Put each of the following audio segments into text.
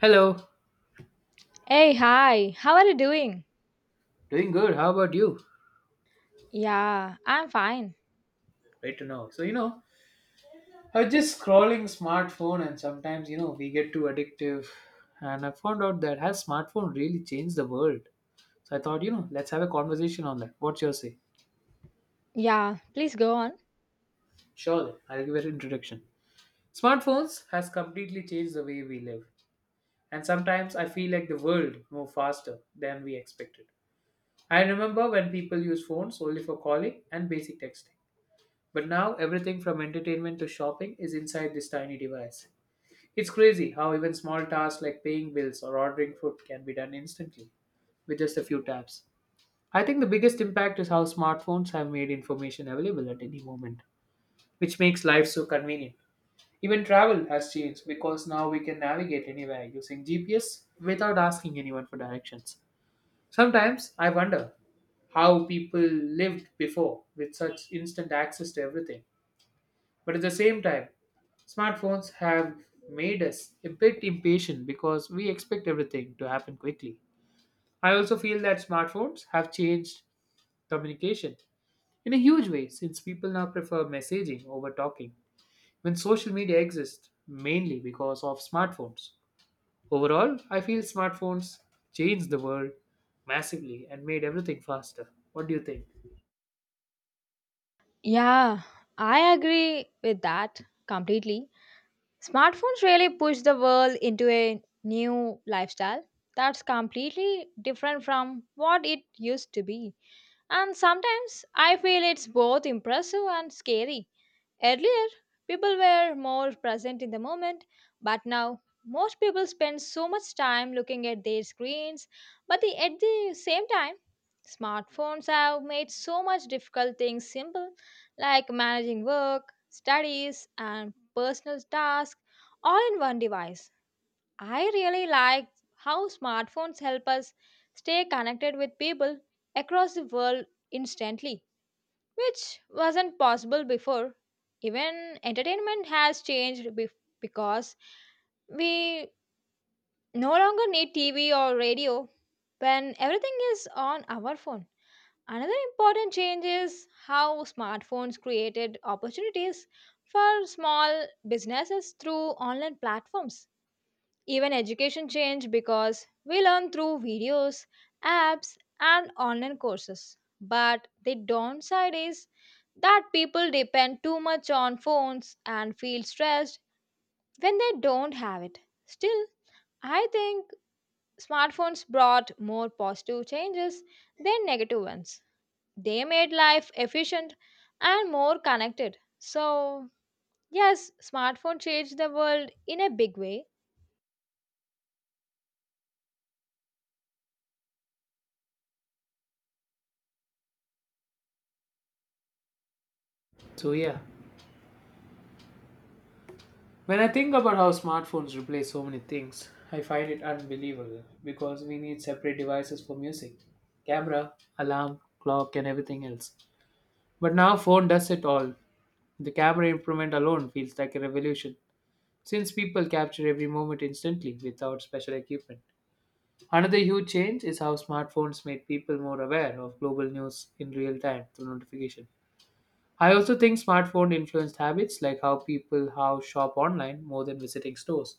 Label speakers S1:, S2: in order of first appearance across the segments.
S1: Hello.
S2: Hey, hi. How are you doing?
S1: Doing good. How about you?
S2: Yeah, I'm fine.
S1: Great to know. So, I was just scrolling smartphone and sometimes, we get too addictive. And I found out that has smartphone really changed the world? So I thought, let's have a conversation on that. What's your say?
S2: Yeah, please go on.
S1: Sure, then. I'll give an introduction. Smartphones has completely changed the way we live. And sometimes I feel like the world move faster than we expected. I remember when people used phones only for calling and basic texting. But now everything from entertainment to shopping is inside this tiny device. It's crazy how even small tasks like paying bills or ordering food can be done instantly with just a few taps. I think the biggest impact is how smartphones have made information available at any moment, which makes life so convenient. Even travel has changed because now we can navigate anywhere using GPS without asking anyone for directions. Sometimes I wonder how people lived before with such instant access to everything. But at the same time, smartphones have made us a bit impatient because we expect everything to happen quickly. I also feel that smartphones have changed communication in a huge way since people now prefer messaging over talking when social media exists mainly because of smartphones. Overall, I feel smartphones changed the world massively and made everything faster. What do you think?
S2: Yeah, I agree with that completely. Smartphones really push the world into a new lifestyle that's completely different from what it used to be. And sometimes I feel it's both impressive and scary. Earlier, people were more present in the moment, but now most people spend so much time looking at their screens. At the same time, smartphones have made so much difficult things simple, like managing work, studies, and personal tasks all in one device. I really like how smartphones help us stay connected with people across the world instantly, which wasn't possible before. Even entertainment has changed because we no longer need TV or radio when everything is on our phone. Another important change is how smartphones created opportunities for small businesses through online platforms. Even education changed because we learn through videos, apps, and online courses. But the downside is that people depend too much on phones and feel stressed when they don't have it. Still, I think smartphones brought more positive changes than negative ones. They made life efficient and more connected. So, yes, smartphone changed the world in a big way.
S1: So, yeah. When I think about how smartphones replace so many things, I find it unbelievable because we need separate devices for music, camera, alarm, clock, and everything else. But now phone does it all. The camera improvement alone feels like a revolution since people capture every moment instantly without special equipment. Another huge change is how smartphones made people more aware of global news in real time through notification. I also think smartphone influenced habits like how people how shop online more than visiting stores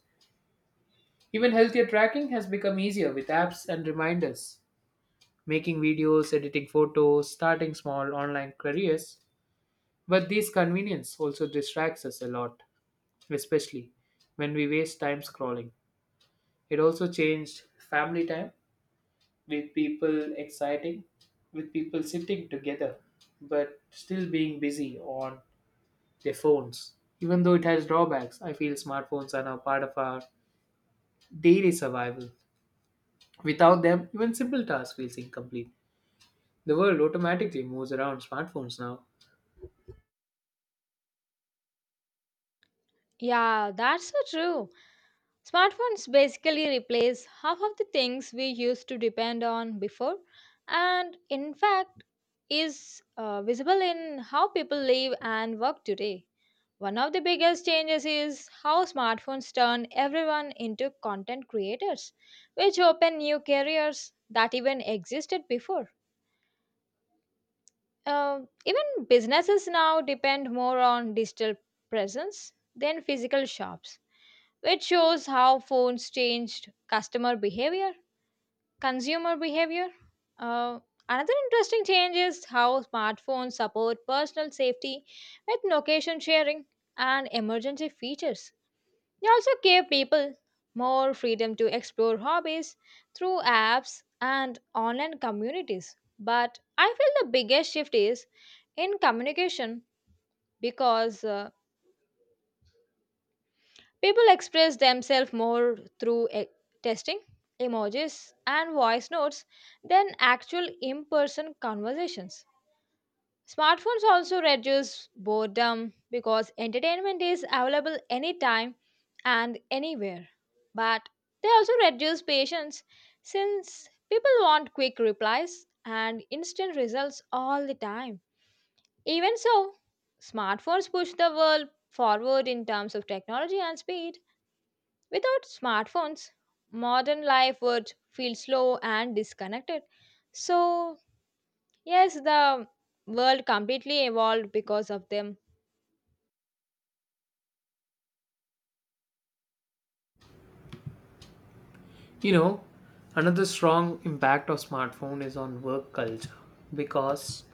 S1: Even healthier tracking has become easier with apps and reminders. Making videos, editing photos, starting small online careers. But this convenience also distracts us a lot, especially when we waste time scrolling. It also changed family time with people exciting, with people sitting together, but still being busy on their phones. Even though it has drawbacks, I feel smartphones are now part of our daily survival. Without them, even simple tasks feels incomplete. The world automatically moves around smartphones now.
S2: Yeah, that's so true. Smartphones basically replace half of the things we used to depend on before, and in fact, is visible in how people live and work today. One of the biggest changes is how smartphones turn everyone into content creators, which open new careers that even existed before. Uh, even businesses now depend more on digital presence than physical shops, which shows how phones changed consumer behavior. Uh, another interesting change is how smartphones support personal safety with location sharing and emergency features. They also give people more freedom to explore hobbies through apps and online communities. But I feel the biggest shift is in communication because people express themselves more through testing, emojis, and voice notes than actual in person conversations. Smartphones also reduce boredom because entertainment is available anytime and anywhere. But they also reduce patience since people want quick replies and instant results all the time. Even so, smartphones push the world forward in terms of technology and speed. Without smartphones, modern life would feel slow and disconnected. So, yes, the world completely evolved because of them.
S1: You know, another strong impact of smartphone is on work culture because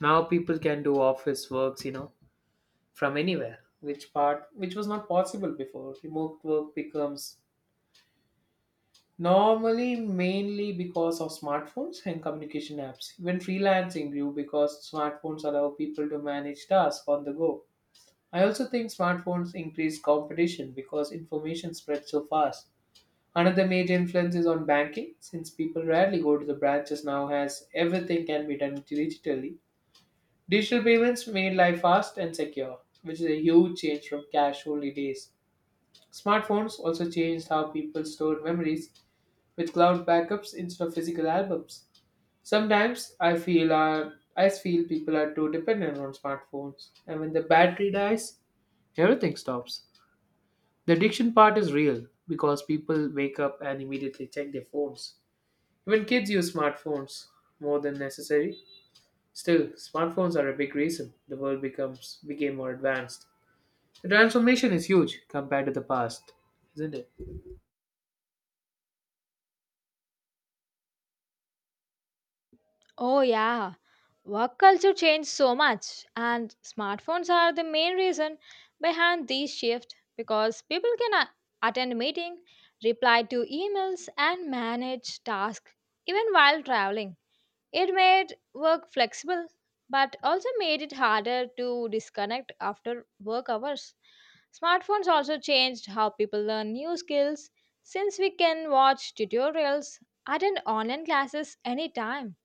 S1: now people can do office works, from anywhere, which was not possible before. Remote work becomes normally mainly because of smartphones and communication apps. Even freelancing grew because smartphones allow people to manage tasks on the go. I also think smartphones increase competition because information spreads so fast. Another major influence is on banking, since people rarely go to the branches now as everything can be done digitally. Digital payments made life fast and secure, which is a huge change from cash only days. Smartphones also changed how people stored memories with cloud backups instead of physical albums. Sometimes I feel people are too dependent on smartphones, and when the battery dies, everything stops. The addiction part is real because people wake up and immediately check their phones. Even kids use smartphones more than necessary. Still, smartphones are a big reason the world becomes became more advanced. The transformation is huge compared to the past, isn't it?
S2: Oh, yeah. Work culture changed so much, and smartphones are the main reason behind these shifts because people can attend meeting, reply to emails, and manage tasks even while traveling. It made work flexible, but also made it harder to disconnect after work hours. Smartphones also changed how people learn new skills since we can watch tutorials, attend online classes anytime.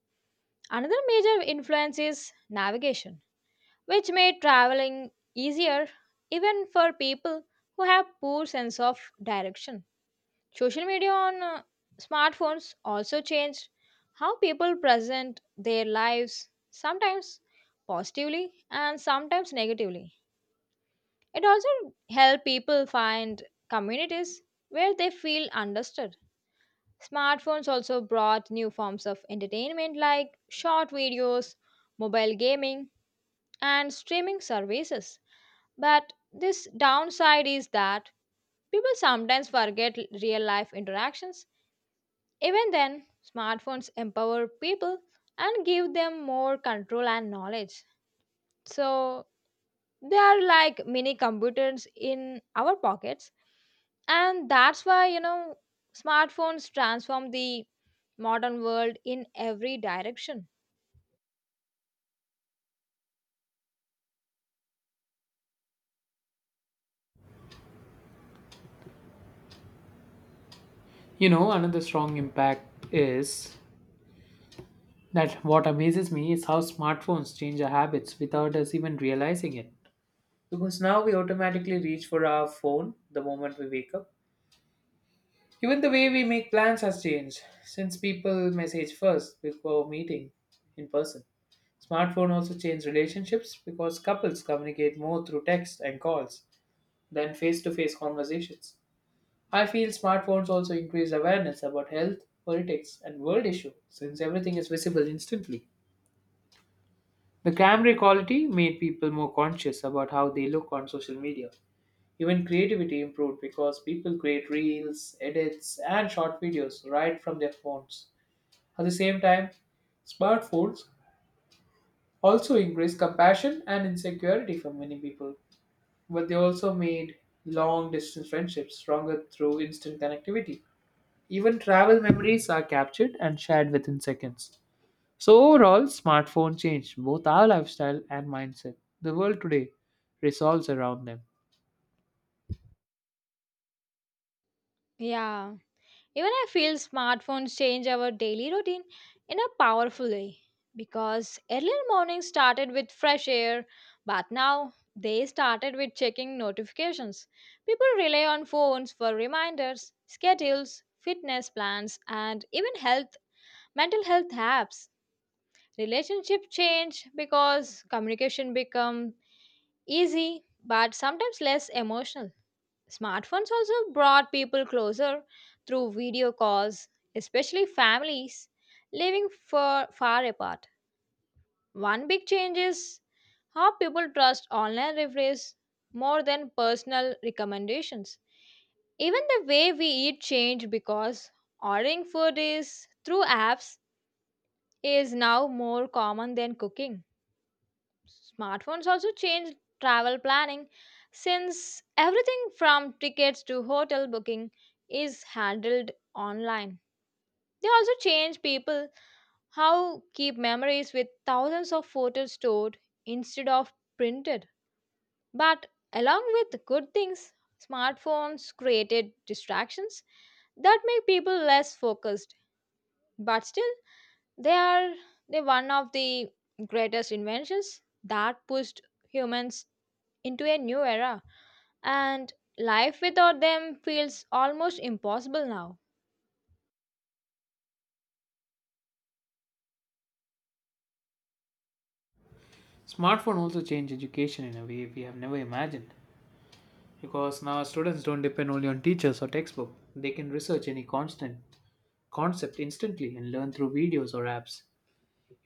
S2: Another major influence is navigation, which made traveling easier even for people who have poor sense of direction. Social media on smartphones also changed how people present their lives, sometimes positively and sometimes negatively. It also helped people find communities where they feel understood. Smartphones also brought new forms of entertainment like short videos, mobile gaming, and streaming services. But this downside is that people sometimes forget real life interactions. Even then, smartphones empower people and give them more control and knowledge. So they are like mini computers in our pockets. And that's why, you know, smartphones transform the modern world in every direction.
S1: Another strong impact is that what amazes me is how smartphones change our habits without us even realizing it. Because now we automatically reach for our phone the moment we wake up. Even the way we make plans has changed since people message first before meeting in person. Smartphone also changed relationships because couples communicate more through text and calls than face-to-face conversations. I feel smartphones also increase awareness about health, politics, and world issues since everything is visible instantly. The camera quality made people more conscious about how they look on social media. Even creativity improved because people create reels, edits, and short videos right from their phones. At the same time, smartphones also increase compassion and insecurity for many people but they also made long distance friendships stronger through instant connectivity. Even travel memories are captured and shared within seconds. So, overall, smartphone changed both our lifestyle and mindset. The world today resolves around them.
S2: Yeah. Even I feel smartphones change our daily routine in a powerful way because earlier mornings started with fresh air, but now they started with checking notifications. People rely on phones for reminders, schedules, fitness plans, and even mental health apps. Relationship change because communication become easy but sometimes less emotional. Smartphones also brought people closer through video calls, especially families living far, far apart. One big change is how people trust online reviews more than personal recommendations. Even the way we eat changed because ordering food is through apps is now more common than cooking. Smartphones also changed travel planning since everything from tickets to hotel booking is handled online. They also change people how keep memories with thousands of photos stored instead of printed. But along with good things, smartphones created distractions that make people less focused. But still, they are the one of the greatest inventions that pushed humans into a new era, and life without them feels almost impossible now.
S1: Smartphone also changed education in a way we have never imagined because now students don't depend only on teachers or textbook. They can research any constant concept instantly and learn through videos or apps.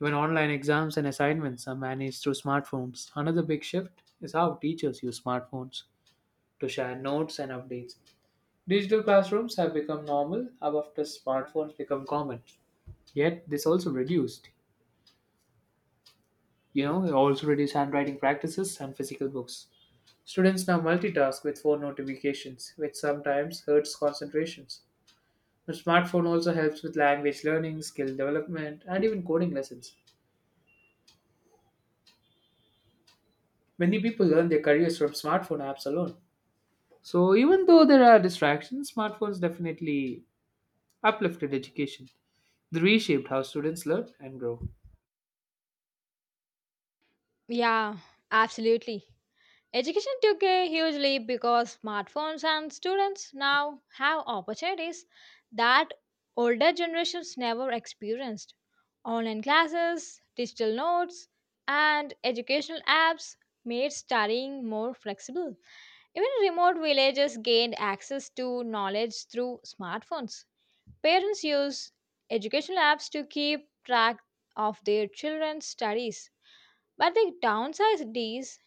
S1: Even online exams and assignments are managed through smartphones. Another big shift is how teachers use smartphones to share notes and updates. Digital classrooms have become normal after smartphones become common. Yet this also reduced, it also reduced handwriting practices and physical books. Students now multitask with phone notifications, which sometimes hurts concentrations. The smartphone also helps with language learning, skill development, and even coding lessons. Many people learn their careers from smartphone apps alone. So even though there are distractions, smartphones definitely uplifted education. They reshaped how students learn and grow.
S2: Yeah, absolutely. Education took a huge leap because smartphones and students now have opportunities that older generations never experienced. Online classes, digital notes, and educational apps made studying more flexible. Even remote villages gained access to knowledge through smartphones. Parents use educational apps to keep track of their children's studies, but the downside is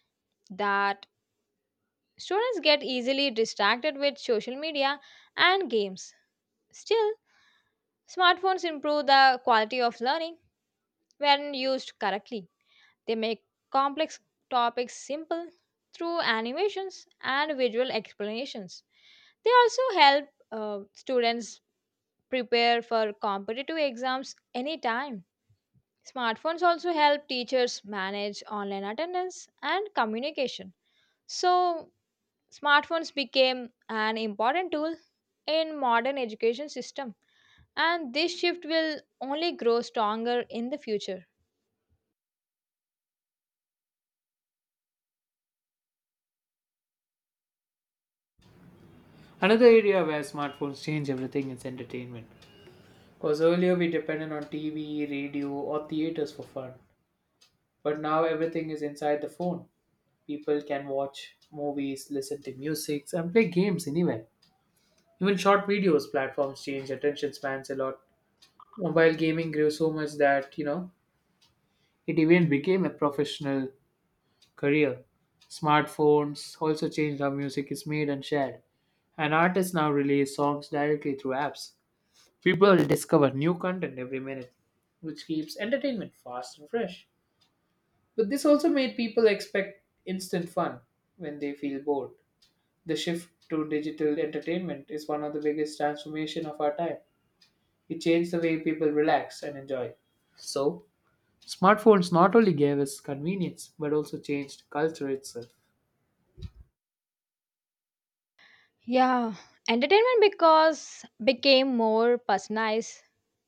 S2: that students get easily distracted with social media and games. Still, smartphones improve the quality of learning when used correctly. They make complex topics simple through animations and visual explanations. They also help students prepare for competitive exams anytime. Smartphones also help teachers manage online attendance and communication. So, smartphones became an important tool in modern education system and this shift will only grow stronger in the future.
S1: Another area where smartphones change everything is entertainment. Because earlier we depended on TV, radio, or theaters for fun. But now everything is inside the phone. People can watch movies, listen to music, and play games anywhere. Even short videos platforms change attention spans a lot. Mobile gaming grew so much that, it even became a professional career. Smartphones also changed how music is made and shared, and artists now release songs directly through apps. People discover new content every minute, which keeps entertainment fast and fresh. But this also made people expect instant fun when they feel bored. The shift to digital entertainment is one of the biggest transformation of our time. It changed the way people relax and enjoy. So, smartphones not only gave us convenience but also changed culture itself.
S2: Yeah, entertainment because became more personalized.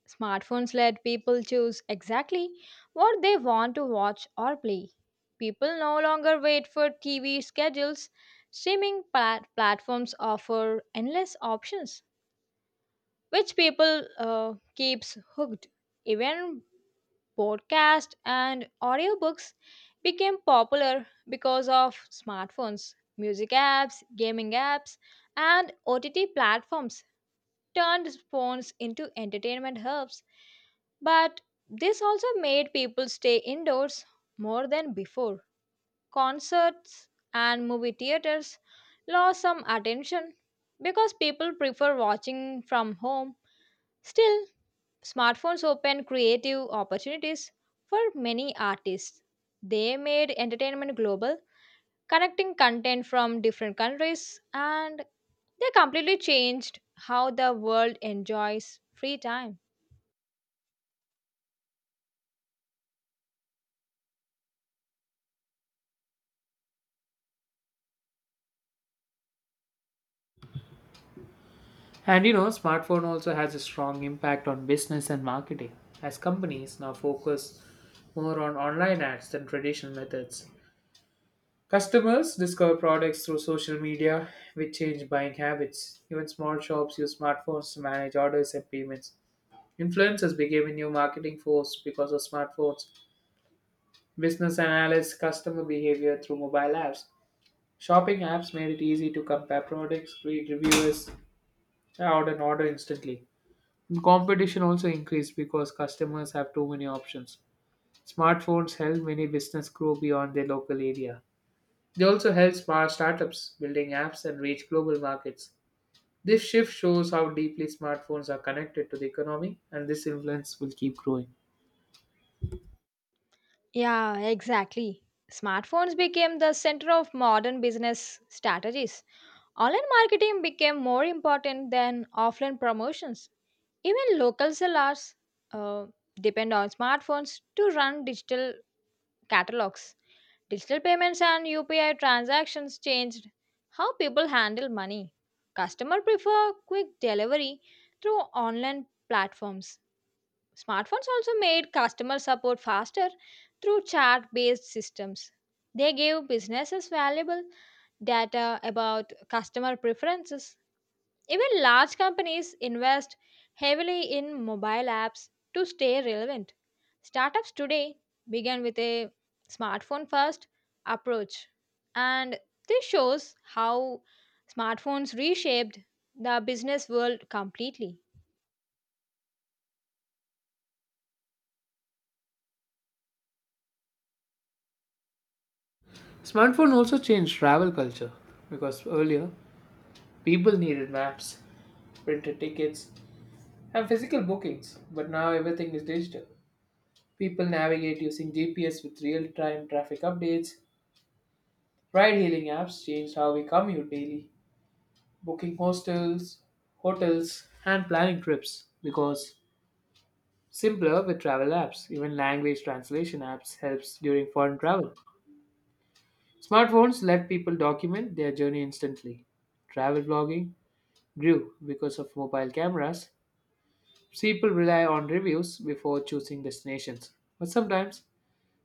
S2: Smartphones let people choose exactly what they want to watch or play. People no longer wait for TV schedules. Streaming platforms offer endless options, which people keeps hooked. Even podcasts, and audiobooks became popular because of smartphones, music apps, gaming apps, and OTT platforms turned phones into entertainment hubs. But this also made people stay indoors more than before. Concerts and movie theaters lost some attention because people prefer watching from home. Still, smartphones open creative opportunities for many artists. They made entertainment global, connecting content from different countries, and they completely changed how the world enjoys free time.
S1: And smartphone also has a strong impact on business and marketing, as companies now focus more on online ads than traditional methods. Customers discover products through social media, which change buying habits. Even small shops use smartphones to manage orders and payments. Influencers became a new marketing force because of smartphones. Business analysts customer behavior through mobile apps. Shopping apps made it easy to compare products, read reviews, and order instantly. Competition also increased because customers have too many options. Smartphones help many business grow beyond their local area. They also help smart startups building apps and reach global markets. This shift shows how deeply smartphones are connected to the economy and this influence will keep growing.
S2: Yeah, exactly. Smartphones became the center of modern business strategies. Online marketing became more important than offline promotions. Even local sellers uh, depend on smartphones to run digital catalogs. Digital payments and UPI transactions changed how people handle money. Customers prefer quick delivery through online platforms. Smartphones also made customer support faster through chat based systems. They gave businesses valuable data about customer preferences. Even large companies invest heavily in mobile apps to stay relevant. Startups today began with a smartphone first approach, and this shows how smartphones reshaped the business world completely.
S1: Smartphone also changed travel culture because earlier people needed maps, printed tickets, and physical bookings, but now everything is digital. People navigate using GPS with real time traffic updates. Ride hailing apps changed how we commute daily, booking hostels, hotels, and planning trips because simpler with travel apps, even language translation apps helps during foreign travel. Smartphones let people document their journey instantly. Travel blogging grew because of mobile cameras. People rely on reviews before choosing destinations. But sometimes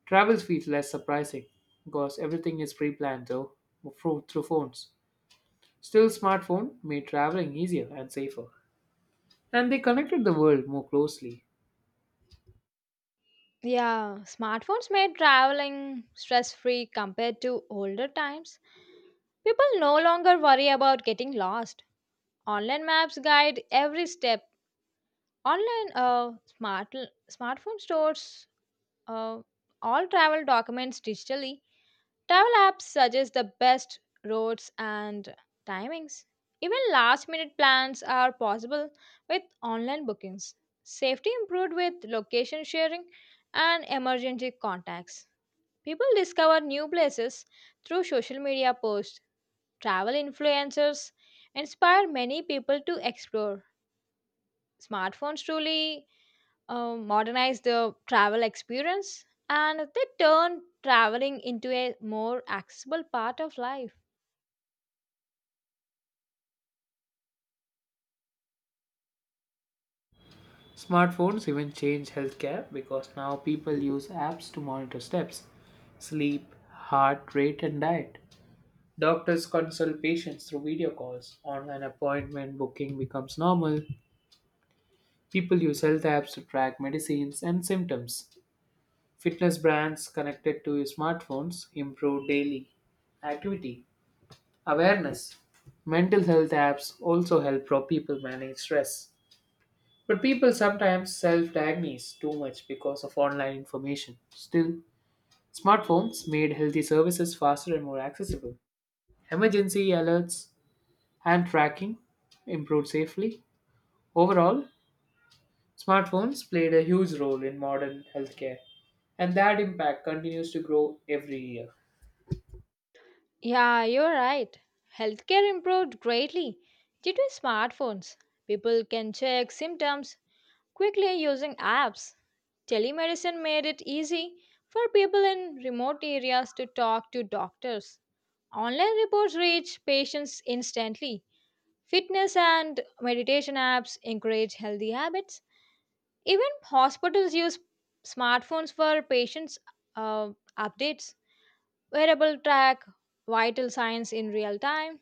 S1: travels feels less surprising because everything is pre-planned though through phones. Still, smartphone made traveling easier and safer, and they connected the world more closely.
S2: Yeah, smartphones made traveling stress free compared to older times. People no longer worry about getting lost. Online maps guide every step. Online smart Smartphone stores uh, all travel documents digitally. Travel apps suggest the best routes and timings. Even last minute plans are possible with online bookings. Safety improved with location sharing and emergency contacts. People discover new places through social media posts. Travel influencers inspire many people to explore. Smartphones truly modernize the travel experience, and they turn traveling into a more accessible part of life.
S1: Smartphones even changed healthcare because now people use apps to monitor steps, sleep, heart rate, and diet. Doctors consult patients through video calls. Online appointment booking becomes normal. People use health apps to track medicines and symptoms. Fitness brands connected to your smartphones improve daily activity awareness. Mental health apps also help pro people manage stress. But people sometimes self diagnose too much because of online information. Still, smartphones made healthy services faster and more accessible. Emergency alerts and tracking improved safely. Overall, smartphones played a huge role in modern healthcare, and that impact continues to grow every year.
S2: Yeah, you're right. Healthcare improved greatly due to smartphones. People can check symptoms quickly using apps. Telemedicine made it easy for people in remote areas to talk to doctors. Online reports reach patients instantly. Fitness and meditation apps encourage healthy habits. Even hospitals use smartphones for patients' uh, updates. Wearable track, vital signs in real time.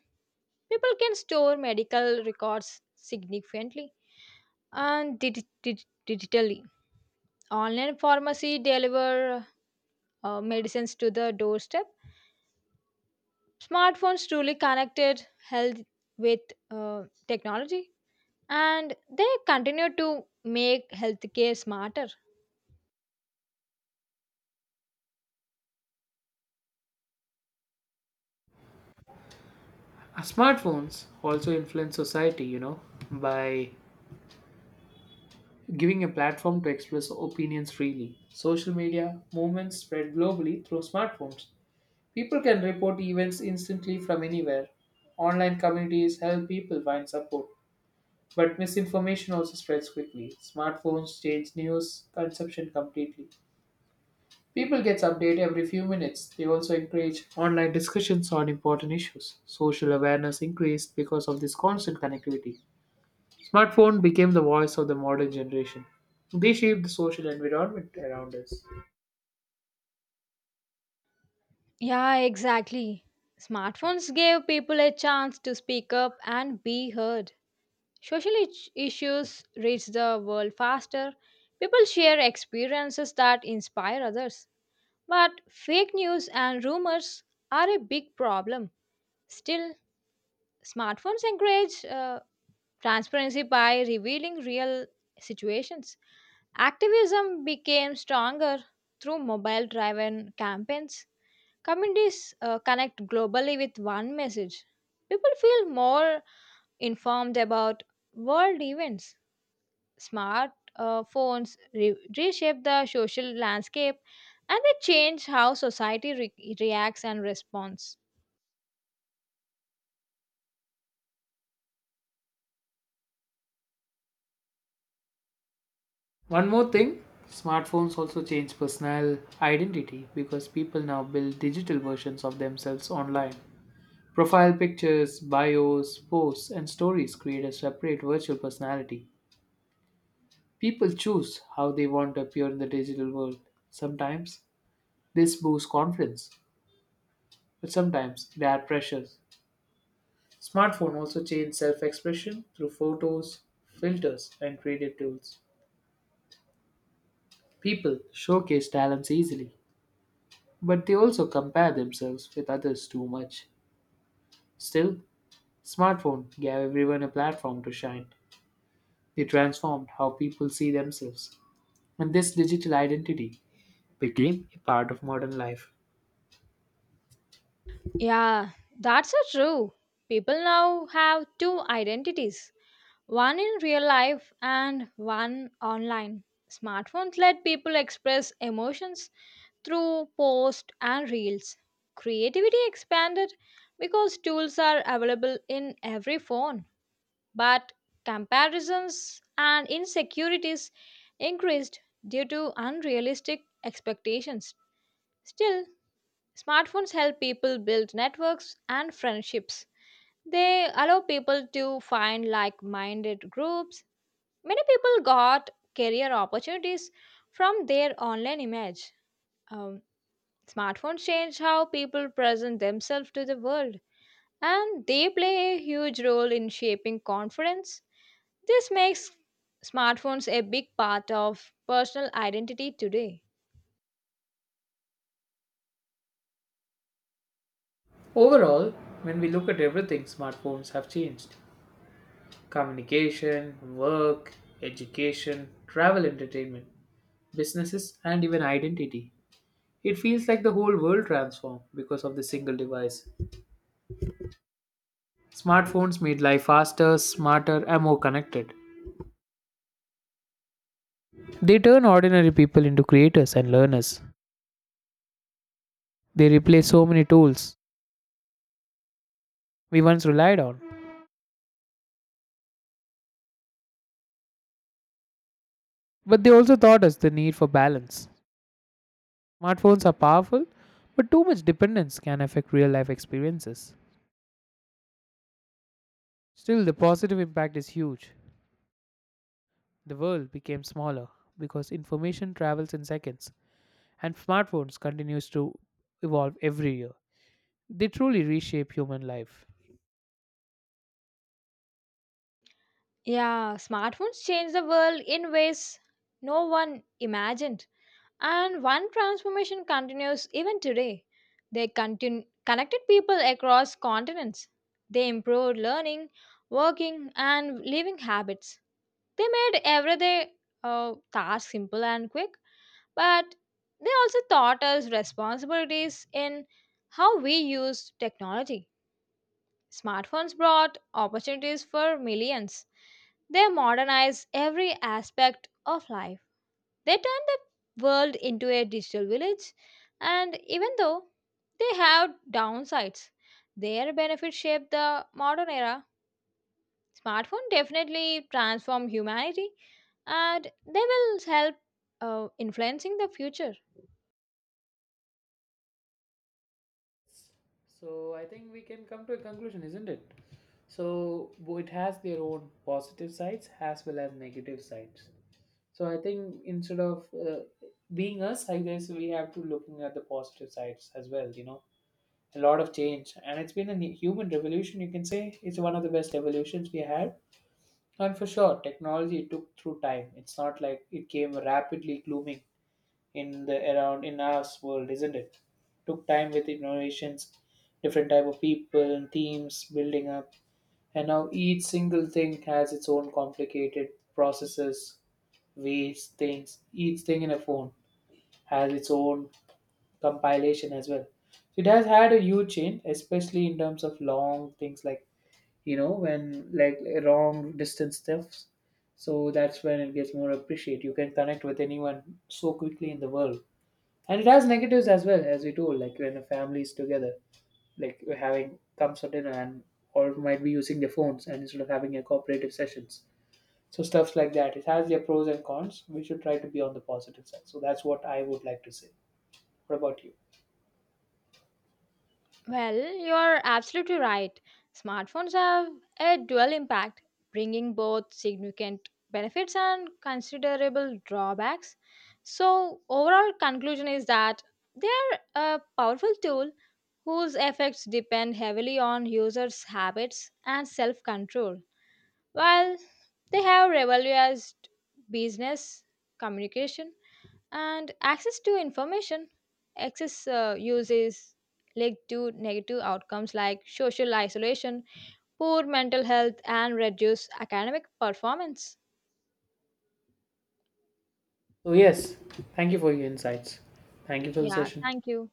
S2: People can store medical records significantly and digitally. Online pharmacy deliver medicines to the doorstep. Smartphones truly connected health with technology, and they continue to make healthcare smarter.
S1: Smartphones also influence society, by giving a platform to express opinions freely. Social media movements spread globally through smartphones. People can report events instantly from anywhere. Online communities help people find support, but misinformation also spreads quickly. Smartphones change news consumption completely. People get updated every few minutes. They also encourage online discussions on important issues. Social awareness increased because of this constant connectivity. Smartphone became the voice of the modern generation. They shaped the social environment around us.
S2: Yeah, exactly. Smartphones gave people a chance to speak up and be heard. Social issues reach the world faster. People share experiences that inspire others. But fake news and rumors are a big problem. Still, smartphones encourage transparency by revealing real situations. Activism became stronger through mobile driven campaigns. Communities connect globally with one message. People feel more informed about world events. Smart Phones reshape the social landscape, and they change how society reacts and responds.
S1: One more thing, smartphones also change personal identity because people now build digital versions of themselves online. Profile pictures, bios, posts, and stories create a separate virtual personality. People choose how they want to appear in the digital world. Sometimes this boosts confidence, but sometimes there are pressures. Smartphone also changed self-expression through photos, filters, and creative tools. People showcase talents easily, but they also compare themselves with others too much. Still, smartphone gave everyone a platform to shine. They transformed how people see themselves, and this digital identity became a part of modern life.
S2: Yeah, that's so true. People now have two identities, one in real life and one online. Smartphones let people express emotions through posts and reels. Creativity expanded because tools are available in every phone, but comparisons and insecurities increased due to unrealistic expectations. Still, smartphones help people build networks and friendships. They allow people to find like minded groups. Many people got career opportunities from their online image. Um, Smartphones change how people present themselves to the world, and they play a huge role in shaping confidence. This makes smartphones a big part of personal identity today.
S1: Overall, when we look at everything, smartphones have changed communication, work, education, travel, entertainment, businesses, and even identity. It feels like the whole world transformed because of the single device. Smartphones made life faster, smarter, and more connected. They turn ordinary people into creators and learners. They replace so many tools we once relied on. But they also taught us the need for balance. Smartphones are powerful, but too much dependence can affect real life experiences. Still, the positive impact is huge. The world became smaller because information travels in seconds and smartphones continues to evolve every year. They truly reshape human life.
S2: Yeah, smartphones change the world in ways no one imagined, and one transformation continues even today. They connected people across continents. They improved learning, working, and living habits. They made everyday tasks simple and quick, but they also taught us responsibilities in how we use technology. Smartphones brought opportunities for millions. They modernized every aspect of life. They turned the world into a digital village, and even though they have downsides, their benefits shaped the modern era. Smartphone definitely transform humanity and they will help influencing the future.
S1: So I think we can come to a conclusion, isn't it? So it has their own positive sides as well as negative sides. So I think instead of being us, I guess we have to looking at the positive sides as well. A lot of change, and it's been a human revolution. You can say it's one of the best evolutions we had. And for sure, technology took through time. It's not like it came rapidly glooming in the around in our world, isn't it? Took time with innovations, different type of people and themes building up, and now each single thing has its own complicated processes, ways, things. Each thing in a phone has its own compilation as well. So it has had a huge change, especially in terms of long things like when like long distance thefts. So that's when it gets more appreciated. You can connect with anyone so quickly in the world. And it has negatives as well, as we told, like when a family is together, like we're having comes for dinner and or might be using their phones and instead of having a cooperative sessions. So stuffs like that. It has their pros and cons. We should try to be on the positive side. So that's what I would like to say. What about you?
S2: Well, you're absolutely right. Smartphones have a dual impact, bringing both significant benefits and considerable drawbacks. So, overall conclusion is that they are a powerful tool whose effects depend heavily on users' habits and self-control. While they have revolutionized business communication and access to information, excess uses lead to negative outcomes like social isolation, poor mental health, and reduced academic performance.
S1: So yes, thank you for your insights. Thank you for the
S2: Yeah,
S1: session.
S2: thank you.